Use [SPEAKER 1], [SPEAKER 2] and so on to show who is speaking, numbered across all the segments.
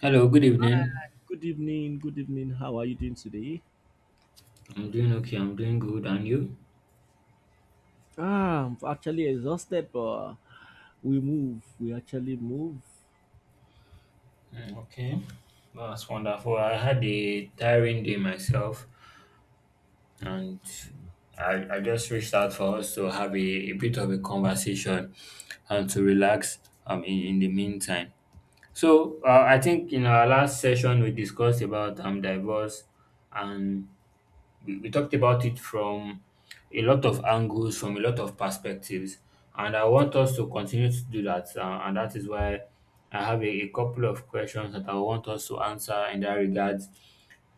[SPEAKER 1] Hello, good evening.
[SPEAKER 2] Good evening. Good evening. How are you doing today?
[SPEAKER 1] I'm doing okay. I'm doing good. And you?
[SPEAKER 2] I'm actually exhausted, but we move. We actually move.
[SPEAKER 1] Okay. That's wonderful. I had a tiring day myself, and I just reached out for us to have a bit of a conversation and to relax in the meantime. So, I think in our last session, we discussed about divorce and we talked about it from a lot of angles, from a lot of perspectives, and I want us to continue to do that. And that is why I have a couple of questions that I want us to answer in that regard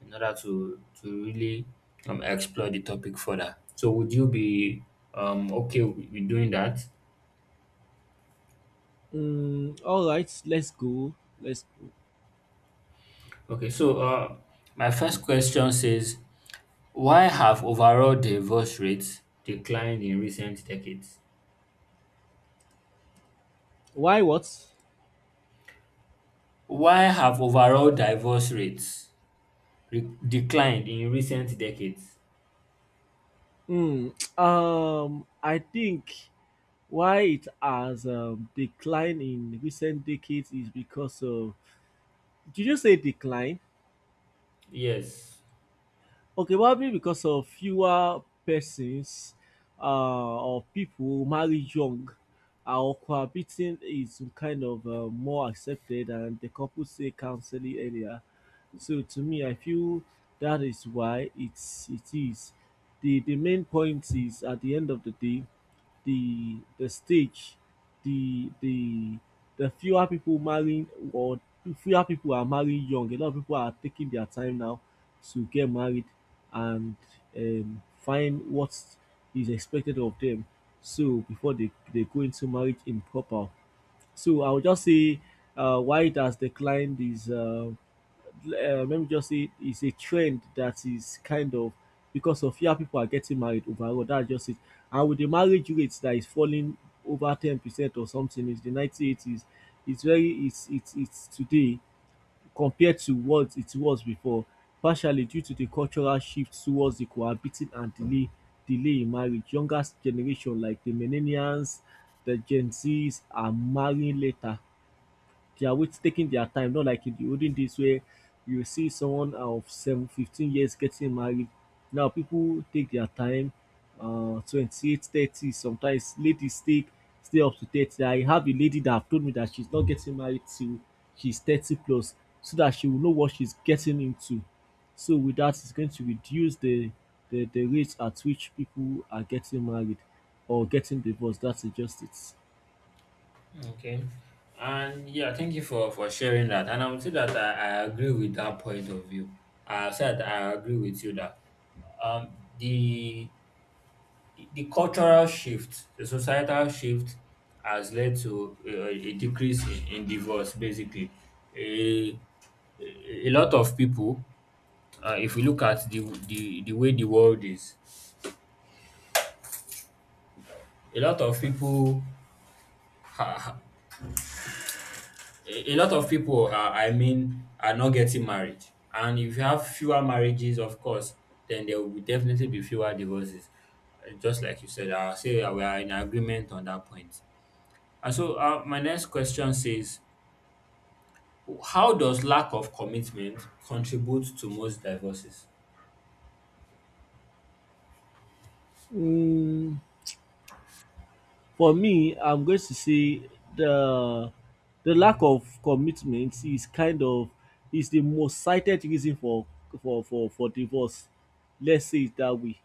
[SPEAKER 1] in order to really explore the topic further. So, would you be okay with doing that?
[SPEAKER 2] All right, let's go. Let's go.
[SPEAKER 1] Okay, so my first question says, why have overall divorce rates declined in recent decades?
[SPEAKER 2] Why what?
[SPEAKER 1] Why have overall divorce rates declined in recent decades.
[SPEAKER 2] Mm, I think why it has declined in recent decades is because of. Did you say decline?
[SPEAKER 1] Yes.
[SPEAKER 2] Okay, probably because of fewer persons, or people marry young, or cohabiting is kind of more accepted, and the couple say counseling earlier. So to me, I feel that is why it is. The main point is, at the end of the day, the stage, the fewer people marrying, or fewer people are marrying young. A lot of people are taking their time now to get married and find what is expected of them, so before they go into marriage improper. So I would just say why it has declined is, let me just say, it's a trend that is kind of because of fewer people are getting married overall. That's just it. And with the marriage rates that is falling over 10% or something is the 1980s, it's very, it's today compared to what it was before, partially due to the cultural shift towards the cohabiting and delay in marriage. Younger generation like the millennials, the Gen Zs are marrying later. They are with taking their time, not like in the olden days where you see someone of 7, 15 years getting married. Now people take their time, 28, 30, sometimes ladies take stay up to 30. I have a lady that have told me that she's not getting married till she's 30 plus, so that she will know what she's getting into. So with that, it's going to reduce the rate at which people are getting married or getting divorced. That's just it.
[SPEAKER 1] Okay. And yeah, thank you for sharing that. And I would say that I agree with that point of view. I said I agree with you that the cultural shift, the societal shift, has led to a decrease in divorce. Basically, a a lot of people, if we look at the the way the world is, a lot of people ha- a lot of people I mean are not getting married, and if you have fewer marriages, of course then there will definitely be fewer divorces. Just like you said, I say we are in agreement on that point, and so my next question says, how does lack of commitment contribute to most divorces?
[SPEAKER 2] Mm, For me, I'm going to say the the lack of commitment is the most cited reason for divorce. Let's say it that way.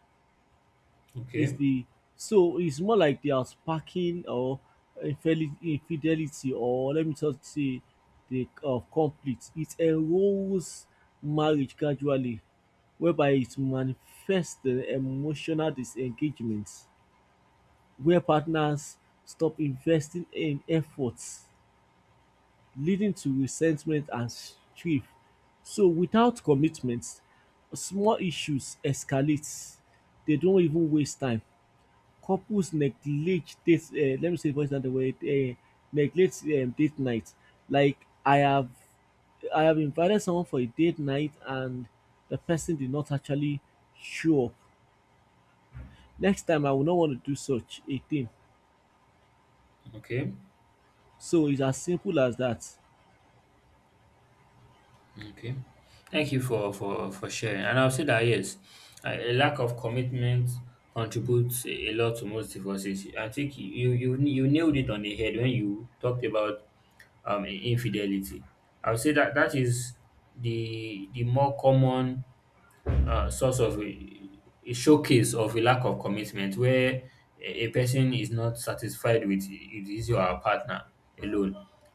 [SPEAKER 2] Is
[SPEAKER 1] Okay.
[SPEAKER 2] the, so it's more like they are sparking, or infidelity, or let me just say the of conflict. It erodes marriage gradually, whereby it manifests the emotional disengagement where partners stop investing in efforts, leading to resentment and strife. So without commitment, small issues escalate. They don't even waste time. Couples neglect date, let me say voice note, neglect date night. Like, I have I have invited someone for a date night, and the person did not actually show up. Next time I will not want to do such a thing.
[SPEAKER 1] Okay.
[SPEAKER 2] So it's as simple as that.
[SPEAKER 1] Okay. Thank you for sharing. And I'll say that yes, a lack of commitment contributes a lot to most divorces. I think you you nailed it on the head when you talked about infidelity. I would say that that is the more common source of a showcase of a lack of commitment, where a person is not satisfied with his or her partner alone,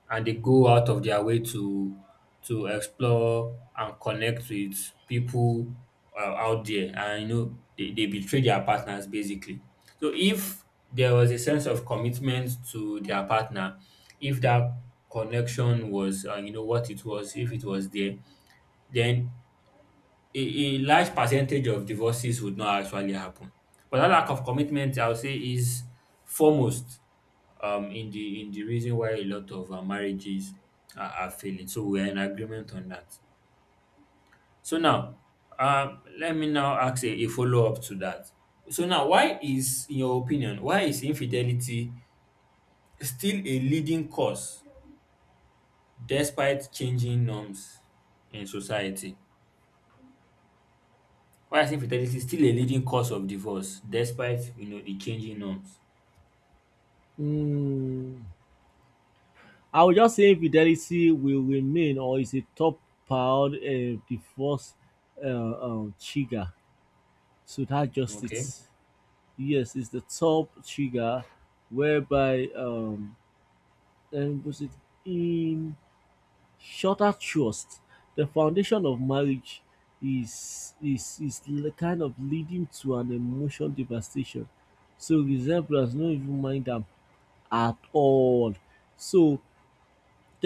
[SPEAKER 1] and they go out of their way to explore and connect with people out there, and you know they betray their partners basically. So if there was a sense of commitment to their partner, if that connection was you know what it was, if it was there, then a large percentage of divorces would not actually happen. But that lack of commitment, I would say, is foremost in the reason why a lot of marriages are failing. So we're in agreement on that. So now, let me now ask a follow up to that. So now, why is, in your opinion, why is infidelity still a leading cause despite changing norms in society? Quiescent infertility is still a leading cause of divorce despite you know the changing norms.
[SPEAKER 2] Mm, I would just say infidelity will remain, or is a top prior divorce trigger. So that just it.
[SPEAKER 1] Okay.
[SPEAKER 2] Yes, it's the top trigger whereby, and was it in shorter trust? The foundation of marriage is kind of leading to an emotional devastation. So resemblance, no even mind am at all. So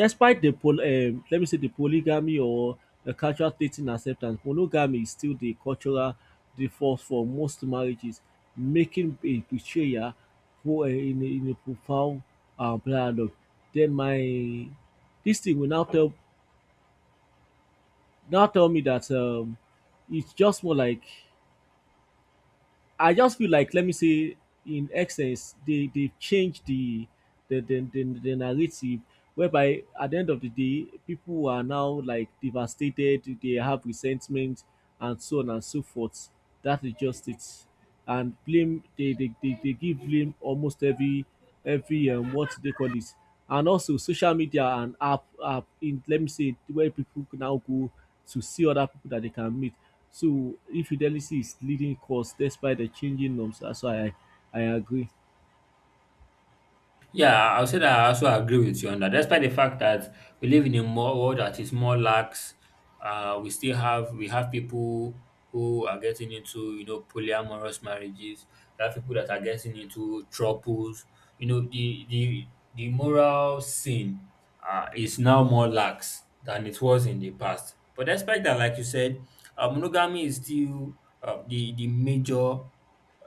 [SPEAKER 2] despite the pol let me say the polygamy or the cultural dating acceptance, monogamy is still the cultural default for most marriages, making a betrayal for a in a in a profound dialogue. Then my this thing will now tell me that it's just more like, I just feel like, let me say, in essence they change the the narrative, whereby at the end of the day people are now like devastated, they have resentment and so on and so forth. That is just it. And blame, they give blame almost every, what they call it. And also social media and app in, let me say, where people now go to see other people that they can meet. So infidelity is leading cause despite the changing norms. That's why I agree.
[SPEAKER 1] Yeah, I'll say that I also agree with you on that. Despite the fact that we live in a more world that is more lax, we still have, we have people who are getting into, you know, polyamorous marriages. We have people that are getting into troubles. You know the the moral sin is now more lax than it was in the past. But despite that, like you said, monogamy is still the major,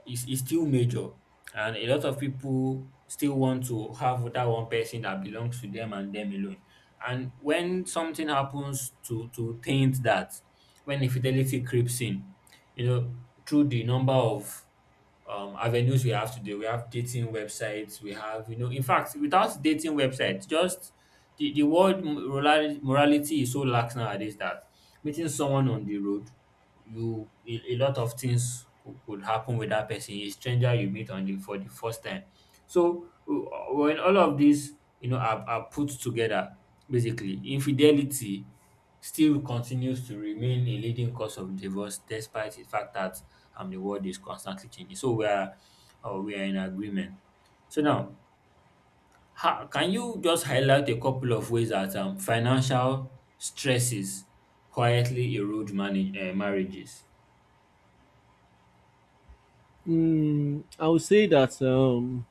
[SPEAKER 1] is still major, and a lot of people still want to have that one person that belongs to them and them alone. And when something happens to taint that, when infidelity creeps in, you know, through the number of avenues we have today. We have dating websites. We have, you know, in fact, without dating websites, just the word morality, morality is so lax nowadays that meeting someone on the road, you, a lot of things could happen with that person, a stranger you meet on the for the first time. So when all of these, you know, are put together, basically infidelity still continues to remain a leading cause of divorce despite the fact that the world is constantly changing. So we are in agreement. So now, how, can you just highlight a couple of ways that financial stresses quietly erode manage, marriages?
[SPEAKER 2] I would say that,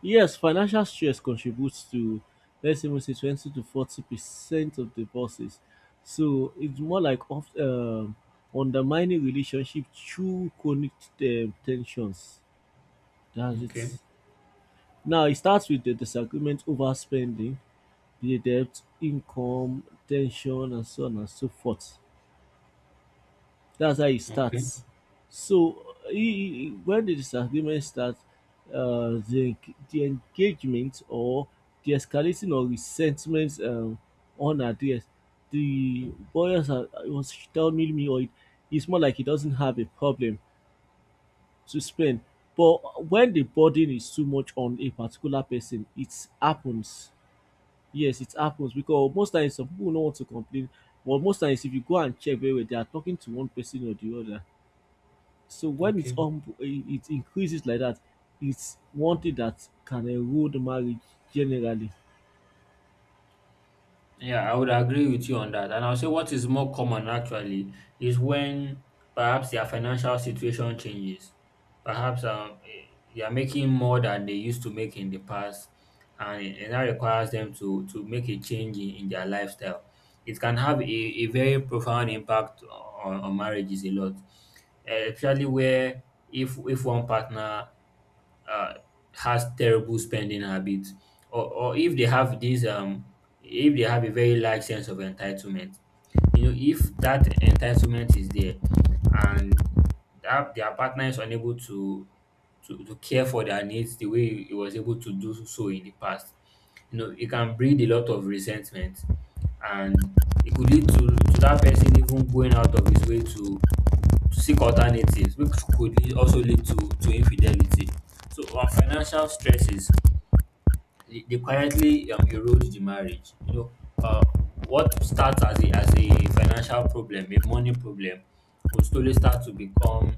[SPEAKER 2] yes, financial stress contributes to, let's even say, 20% to 40% of divorces. So it's more like of undermining relationship through chronic tensions. That's it.
[SPEAKER 1] Okay.
[SPEAKER 2] Now it starts with the disagreement over spending, the debt, income, tension, and so on and so forth. That's how it
[SPEAKER 1] Okay.
[SPEAKER 2] starts. So when the disagreement starts, uh, the the engagement or the escalating of resentment, unaddressed, the boys are, was telling me, or it, it's more like he doesn't have a problem to spend. But when the burden is too much on a particular person, it happens. Yes, it happens because most times some people don't want to complain, but most times if you go and check very well, they are talking to one person or the other. So when it's,
[SPEAKER 1] Okay.
[SPEAKER 2] it increases like that, it's one thing that can erode marriage generally.
[SPEAKER 1] Yeah, I would agree with you on that. And I'll say what is more common actually is when perhaps their financial situation changes. Perhaps they are making more than they used to make in the past, and, and that requires them to make a change in their lifestyle. It can have a very profound impact on marriages a lot, especially where if one partner uh, has terrible spending habits, or if they have this if they have a very large sense of entitlement, you know, if that entitlement is there, and that their partner is unable to to care for their needs the way he was able to do so in the past, you know, it can breed a lot of resentment, and it could lead to that person even going out of his way to seek alternatives, which could lead, also lead to infidelity. So, on financial stresses, they quietly erode the marriage. You know, uh, what starts as as a financial problem, a money problem, will slowly start to become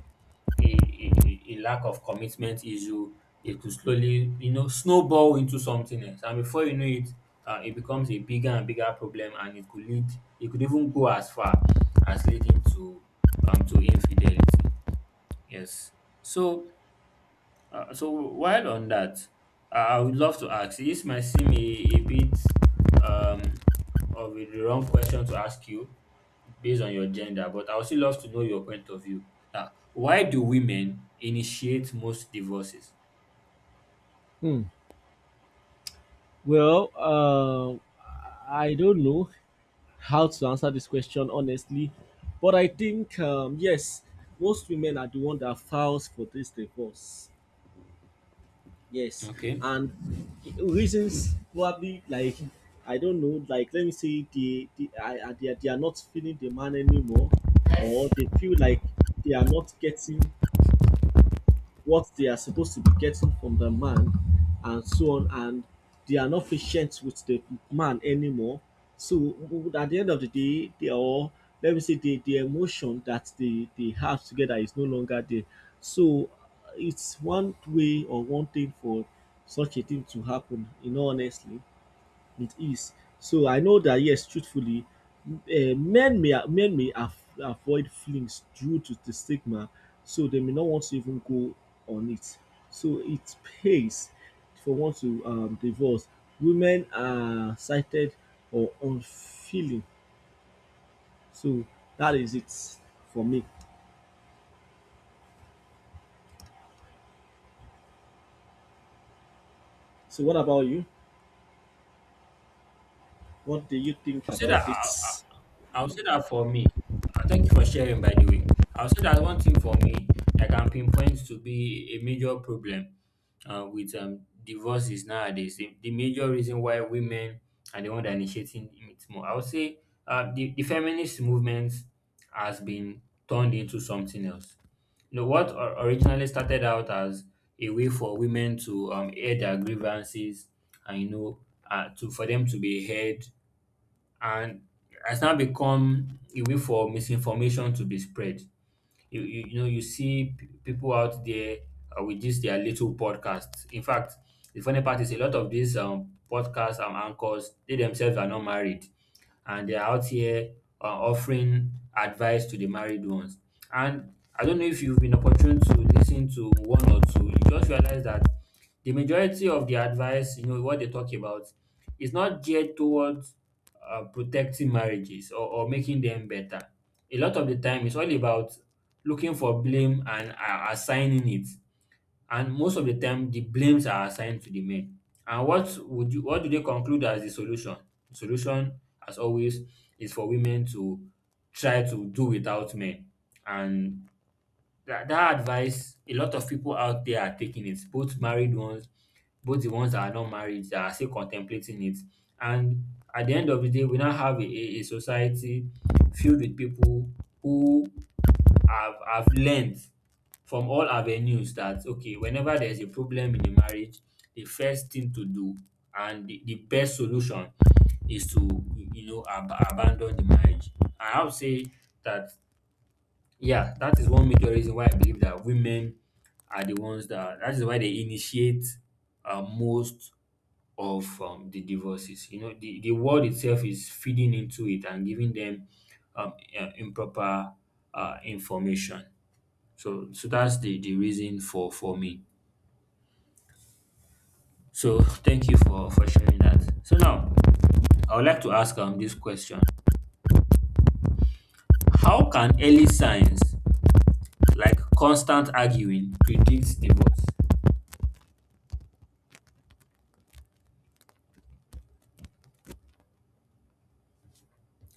[SPEAKER 1] a lack of commitment issue. It could slowly, you know, snowball into something else, and before you know it, it becomes a bigger and bigger problem, and it could lead, it could even go as far as leading to infidelity. Yes. So, so while on that, I would love to ask. This might seem a bit um, of a wrong question to ask you based on your gender, but I would still love to know your point of view. Why do women initiate most divorces?
[SPEAKER 2] Hmm. Well, I don't know how to answer this question honestly, but I think, yes, most women are the one that files for this divorce. Yes,
[SPEAKER 1] Okay.
[SPEAKER 2] and reasons probably like, I don't know, like, let me say they are not feeling the man anymore, or they feel like they are not getting what they are supposed to be getting from the man and so on. And they are not patient with the man anymore. So at the end of the day they are all, let me say, the emotion that they have together is no longer there. So it's one way or one thing for such a thing to happen, in all honestly, with ease. So I know that yes, truthfully, men may avoid feelings due to the stigma, so they may not want to even go on it. So it pays for one to, divorce. Women are cited or unfeeling. So that is it for me. So what about you? What do you think
[SPEAKER 1] I'll say that
[SPEAKER 2] about it?
[SPEAKER 1] for me, thank you for sharing, by the way. I'll say that one thing for me I can pinpoint to be a major problem with divorces nowadays. The major reason why women are the one that initiating it more. I would say the feminist movement has been turned into something else. You know, what originally started out as a way for women to air their grievances and, you know, to for them to be heard, and has now become a way for misinformation to be spread. You know you see people out there with this their little podcasts. In fact, the funny part is a lot of these podcasts and anchors, they themselves are not married, and they are out here offering advice to the married ones, and I don't know if you've been opportune to listen to one or two, you just realize that the majority of the advice, you know what they talk about, is not geared towards protecting marriages or making them better. A lot of the time it's all about looking for blame and are assigning it. And most of the time, the blames are assigned to the men. And what would you, what do they conclude as the solution? The solution, as always, is for women to try to do without men. And that advice, a lot of people out there are taking it, both married ones, both the ones that are not married, that are still contemplating it. And at the end of the day, we now have a society filled with people who I've learned from all avenues that okay, whenever there's a problem in a marriage, the first thing to do, and the best solution, is to, you know, abandon the marriage. And I would say that yeah, that is one major reason why I believe that women are the ones that is why they initiate most of the divorces. You know, the world itself is feeding into it and giving them um, improper information. So so that's the reason for me. So thank you for sharing that. So now I would like to ask this question: How can early signs like constant arguing predict divorce?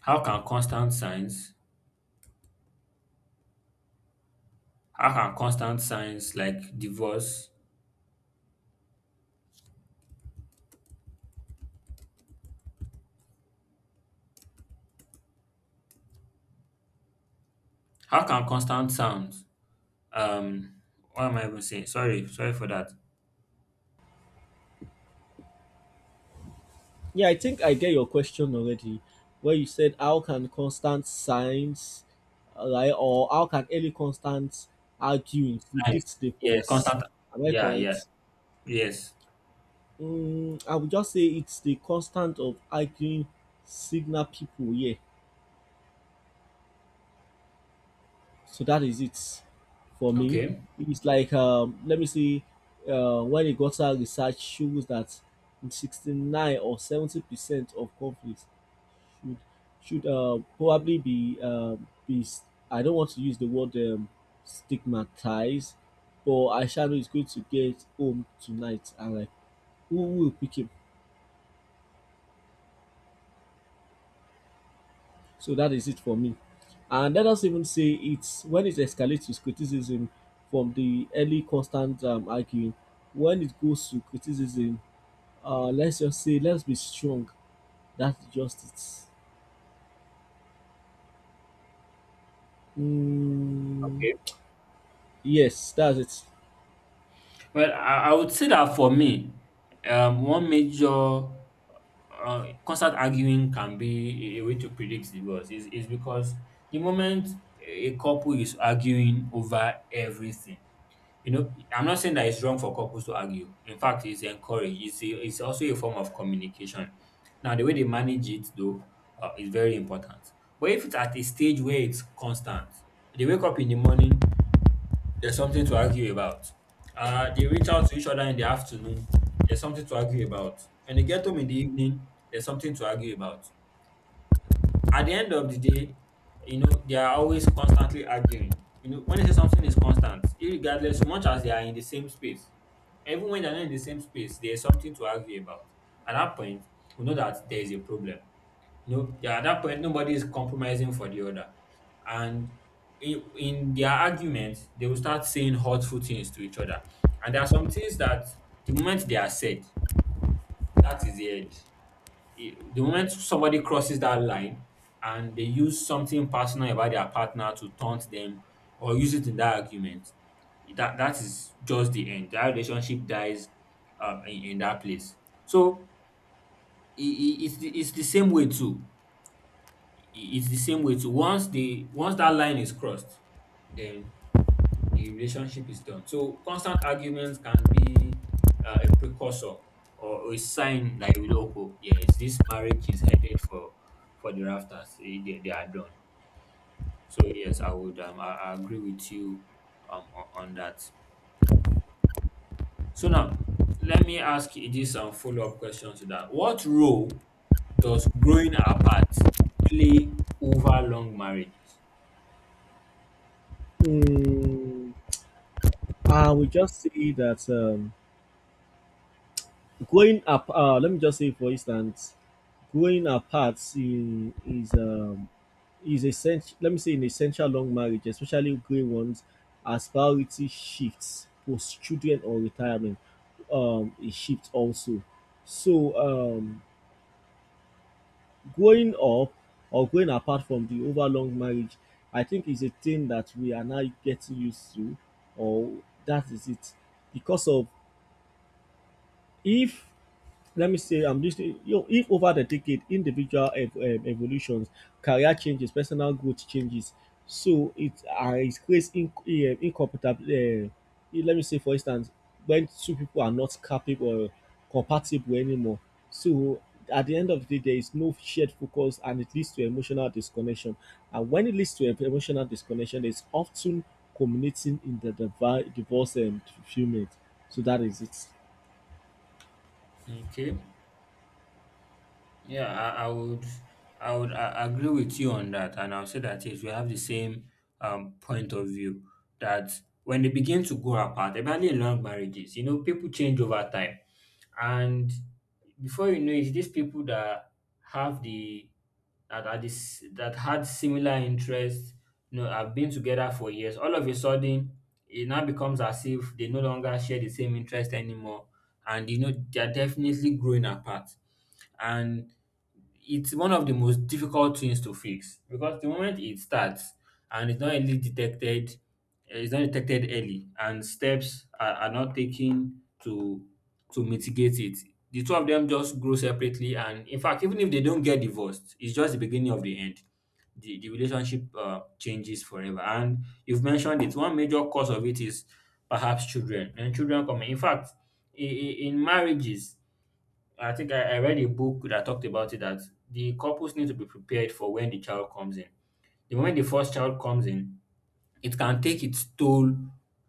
[SPEAKER 1] How can constant signs? How can constant signs like divorce? How can constant sounds? Um, what am I even saying? Sorry, sorry for that.
[SPEAKER 2] Yeah, I think I get your question already, where you said how can constant signs, like, or how can early constant arguing
[SPEAKER 1] Signs.
[SPEAKER 2] predict the
[SPEAKER 1] Yeah,
[SPEAKER 2] force?
[SPEAKER 1] constant.
[SPEAKER 2] Am I
[SPEAKER 1] Yeah, yeah.
[SPEAKER 2] correct?
[SPEAKER 1] Yes.
[SPEAKER 2] I would just say it's the constant of arguing signal people. Yeah, so that is it for me.
[SPEAKER 1] Okay.
[SPEAKER 2] It's like, let me see, when the gutter research shows that 69% or 70% of conflicts should should probably be, be s- I don't want to use the word, stigmatized, but I shall know he's going to get home tonight, and like who will pick him? So that is it for me. And let us even say it's when it escalates to criticism from the early constant, arguing, when it goes to criticism, let's just say let's be strong. That's just it. Mm,
[SPEAKER 1] Okay.
[SPEAKER 2] yes, that's it.
[SPEAKER 1] Well, I would say that for me, one major constant arguing can be a way to predict divorce is because the moment a couple is arguing over everything, you know, I'm not saying that it's wrong for couples to argue. In fact, it's encouraged. It's also a form of communication. Now, the way they manage it, though, is very important. But if it's at a stage where it's constant, they wake up in the morning, there's something to argue about. They reach out to each other in the afternoon. There's something to argue about. When they get home in the evening, there's something to argue about at the end of the day, you know, they are always constantly arguing. You know, when they say something is constant, regardless, so much as they are in the same space, even when they're not in the same space, there's something to argue about. At that point, we know that there is a problem. You know, yeah, at that point, nobody is compromising for the other. And in their arguments, they will start saying hurtful things to each other. And there are some things that the moment they are said, that is the end. The moment somebody crosses that line and they use something personal about their partner to taunt them or use it in that argument, that is just the end. That relationship dies in that place. So it's the same way too. It's the same way too. Once the once that line is crossed, then the relationship is done. So constant arguments can be a precursor or a sign that you know, oh, yes, this marriage is headed for the rafters. Eh, they are done. So yes, I would I agree with you on that. So now let me ask you this follow up question to that. What role does growing apart play over long marriages?
[SPEAKER 2] Mm. I will just say that, growing up. Let me just say, for instance, growing apart in, is, is essential. Let me say, in essential long marriage, especially grey ones, as priority shifts post children or retirement, it shifts also. So, growing up or growing apart from the over long marriage, I think is a thing that we are now getting used to, or that is it, because of if let me say I'm listening, you know, if over the decade individual evolutions, career changes, personal growth changes. So it, it creates in, incompatible, let me say, for instance, when two people are not capable or compatible anymore. So at the end of the day there is no shared focus and it leads to emotional disconnection. And when it leads to emotional disconnection, it's often culminating in the divorce and fulfillment. So that is it.
[SPEAKER 1] Okay. Yeah, I would, I would I agree with you on that, and I'll say that yes, we have the same point of view that when they begin to go apart, especially in long marriages, you know, people change over time, and before you know it, these people that have the that are this that had similar interests, you know, have been together for years. All of a sudden, it now becomes as if they no longer share the same interest anymore, and you know, they are definitely growing apart and it's one of the most difficult things to fix because the moment it starts and it's not really detected, eh, it's not detected early, and steps are not taken to mitigate it. The two of them just grow separately, and in fact, even if they don't get divorced, it's just the beginning of the end. The relationship changes forever, and you've mentioned it. One major cause of it is perhaps children, and children come in. In fact, in marriages, I think I read a book that talked about it that the couples need to be prepared for when the child comes in. The moment the first child comes in, it can take its toll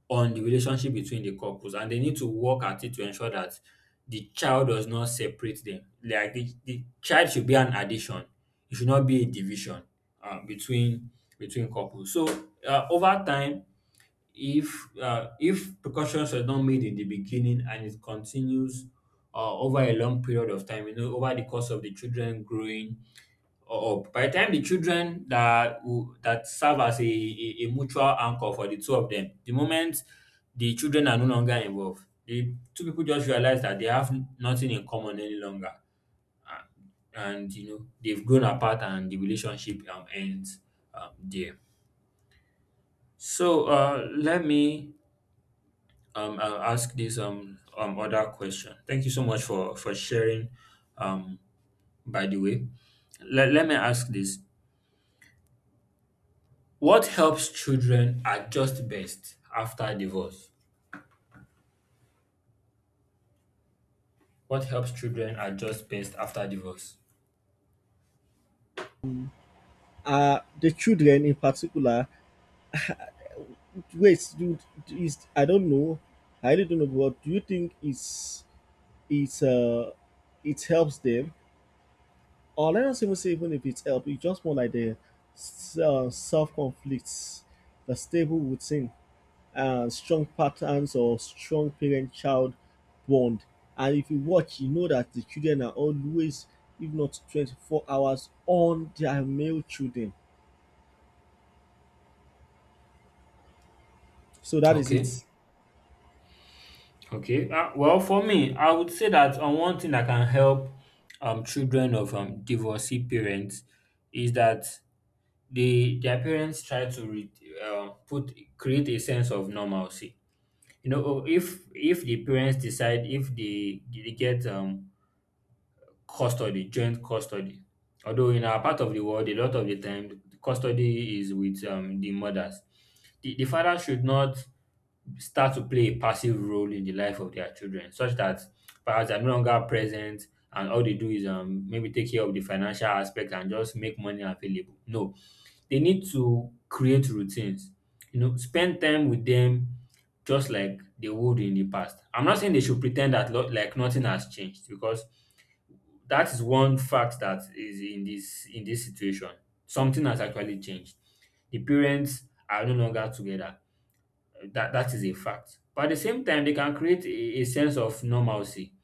[SPEAKER 1] on the relationship between the couples, and they need to work at it to ensure that the child does not separate them. Like the child should be an addition, it should not be a division between between couples. So over time, if precautions were not made in the beginning and it continues over a long period of time, you know, over the course of the children growing up, by the time the children that will, that serve as a mutual anchor for the two of them, the moment the children are no longer involved, the two people just realize that they have nothing in common any longer, and you know they've grown apart and the relationship ends there. So let me I'll ask this other question. Thank you so much for sharing. Um, by the way, let me ask this: What helps children adjust best after divorce? What helps children adjust best after divorce?
[SPEAKER 2] The children in particular, wait do, is, I don't know, I really don't know, but do you think it's it helps them? Or let us even say even if it's help, it's just more like the self conflicts, the stable routine, strong patterns or strong parent child bond. And if you watch, you know that the children are always, if not 24 hours, on their male children. So that is
[SPEAKER 1] Okay,
[SPEAKER 2] it.
[SPEAKER 1] okay. Well, for me, I would say that on one thing that can help children of divorcee parents is that they their parents try to put create a sense of normalcy you know oh, if the parents decide if they get custody joint custody although in our part of the world a lot of the time the custody is with the mothers the father should not start to play a passive role in the life of their children, such that perhaps they're no longer present and all they do is maybe take care of the financial aspect and just make money available. No, they need to create routines, you know, spend time with them just like they would in the past. I'm not saying they should pretend that like nothing has changed because that is one fact that is in this situation. Something has actually changed. The parents are no longer together that that is a fact. But at the same time, they can create a sense of normalcy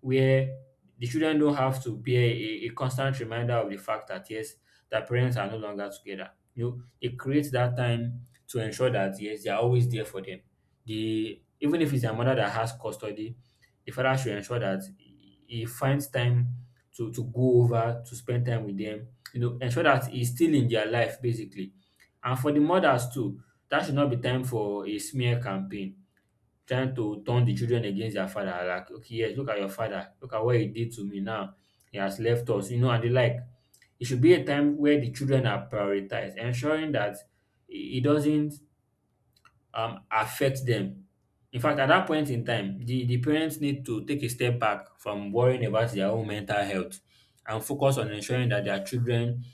[SPEAKER 1] where the children don't have to bear a constant reminder of the fact that yes, their parents are no longer together. You know, it creates that time to ensure that yes, they are always there for them. The even if it's a mother that has custody, the father should ensure that he finds time to go over to spend time with them, you know, ensure that he's still in their life basically. And for the mothers too, that should not be time for a smear campaign trying to turn the children against their father. Like, okay, yes, look at your father. Look at what he did to me now. He has left us, you know, and the like. It should be a time where the children are prioritized, ensuring that it doesn't affect them. In fact, at that point in time, the parents need to take a step back from worrying about their own mental health and focus on ensuring that their children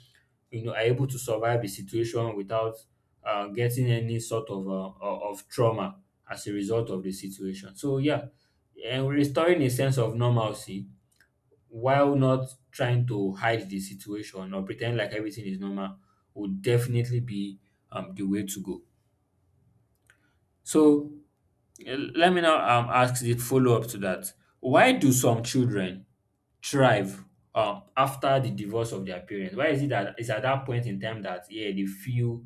[SPEAKER 1] you know are able to survive the situation without getting any sort of of trauma as a result of the situation. So yeah, and restoring a sense of normalcy while not trying to hide the situation or pretend like everything is normal would definitely be the way to go. So eh, let me now ask the follow up to that. Why do some children thrive after the divorce of their parents? Why is it that it's at that point in time that yeah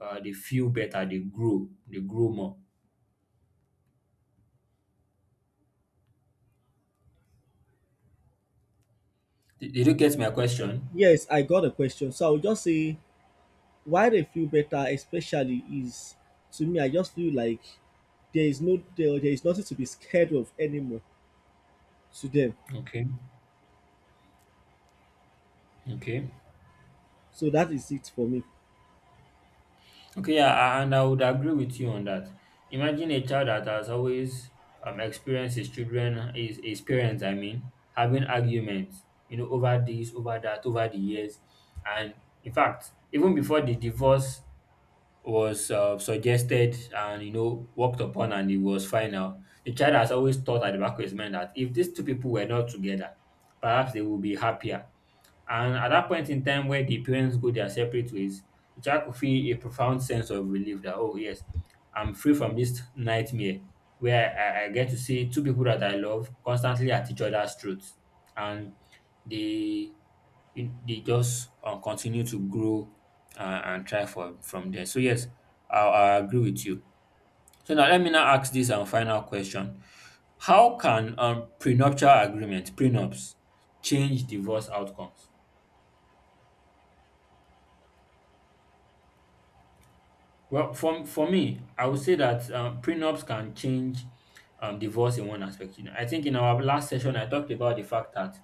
[SPEAKER 1] they feel better, they grow more. Did you get my question?
[SPEAKER 2] Yes, I got a question. So I'll just say why they feel better, especially is, to me, I just feel like there is no there is nothing to be scared of anymore to them.
[SPEAKER 1] Okay, okay.
[SPEAKER 2] So that is it for me.
[SPEAKER 1] Okay, yeah, and I would agree with you on that. Imagine a child that has always experienced his parents, I mean, having arguments, you know, over this, over that, over the years. And in fact, even before the divorce was suggested and, you know, worked upon and it was final, the child has always thought at the back of his mind that if these two people were not together, perhaps they would be happier and at that point in time where the parents go their separate ways, the child could feel a profound sense of relief that, oh, yes, I'm free from this nightmare where I get to see two people that I love constantly at each other's throats. And they, they just continue to grow and try for from there. So, yes, I agree with you. So, now let me now ask this and final question. How can prenuptial agreement, prenups, change divorce outcomes? Well, for me, I would say that prenups can change divorce in one aspect. You know, I think in our last session, I talked about the fact that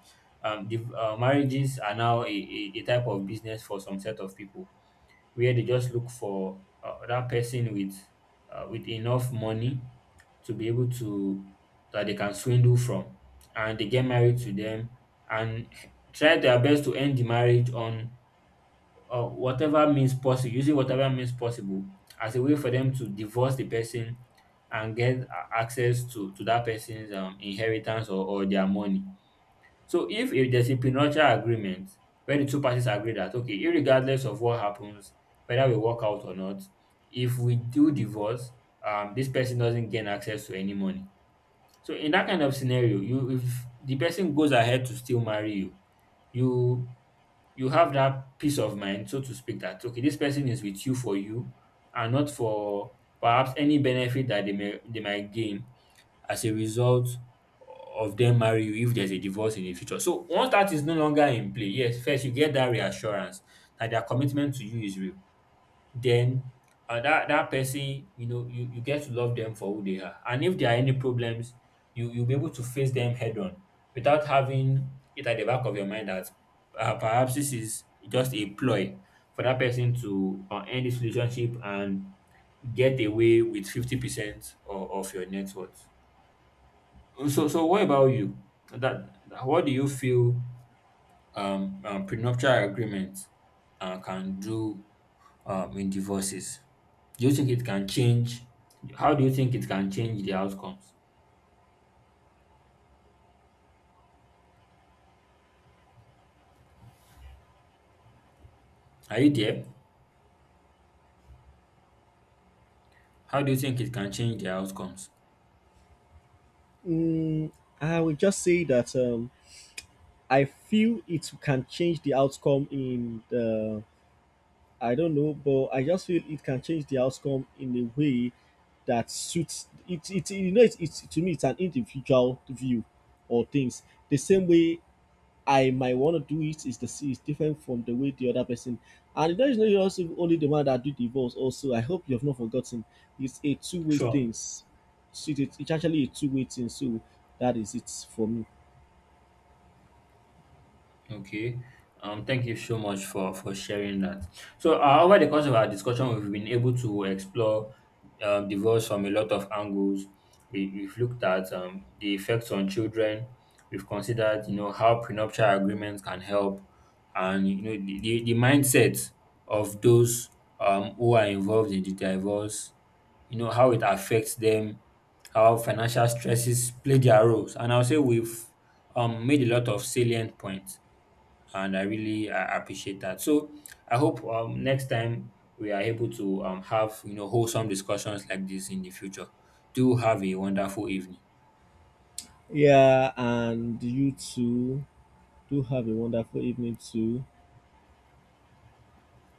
[SPEAKER 1] the marriages are now a type of business for some set of people, where they just look for that person with enough money to be able to that they can swindle from, and they get married to them and try their best to end the marriage on or whatever means possible, using whatever means possible as a way for them to divorce the person and access to that person's inheritance or their money. So if there's a prenuptial agreement where the two parties agree that okay, irregardless of what happens, whether we work out or not, if we do divorce, this person doesn't gain access to any money. So in that kind of scenario, you if the person goes ahead to still marry you, you you have that peace of mind, so to speak, that okay, this person is with you for you and not for perhaps any benefit that they might gain as a result of them marry you if there's a divorce in the future. So once that is no longer in play, yes, first you get that reassurance that their commitment to you is real then that dat person you know you get to love them for who they are and if there are any problems you'll be able to face them head on without having it at the back of your mind that perhaps this is just a ploy for that person to end this relationship and get away with 50% of your net worth. So so what about you? What do you feel prenuptial agreement can do in divorces? Do you think it can change? How do you think it can change the outcomes? Are you there? How do you think it can change the outcomes?
[SPEAKER 2] Mm, I will just say that, I feel it can change the outcome in the, I don't know, but I just feel it can change the outcome in a way that suits it. It, you know it's, to me it's an individual view or things. The same way I might want to do it is the is different from the way the other person. And there is no also only the one that do divorce. Also, I hope you have not forgotten. It's a two-way
[SPEAKER 1] Sure.
[SPEAKER 2] thing. So it- it's actually a two-way thing. So that is it for me.
[SPEAKER 1] Okay. Thank you so much for sharing that. So, over the course of our discussion, we've been able to explore divorce from a lot of angles. We've looked at the effects on children. We've considered, you know, how prenuptial agreements can help, and you know, the mindset of those who are involved in the divorce. You know how it affects them, how financial stresses play their roles, and I'll say we've made a lot of salient points and I really appreciate that. So I hope next time we are able to have you know wholesome discussions like this in the future. Do have a wonderful evening.
[SPEAKER 2] Yeah, and you too. Do have a wonderful evening too.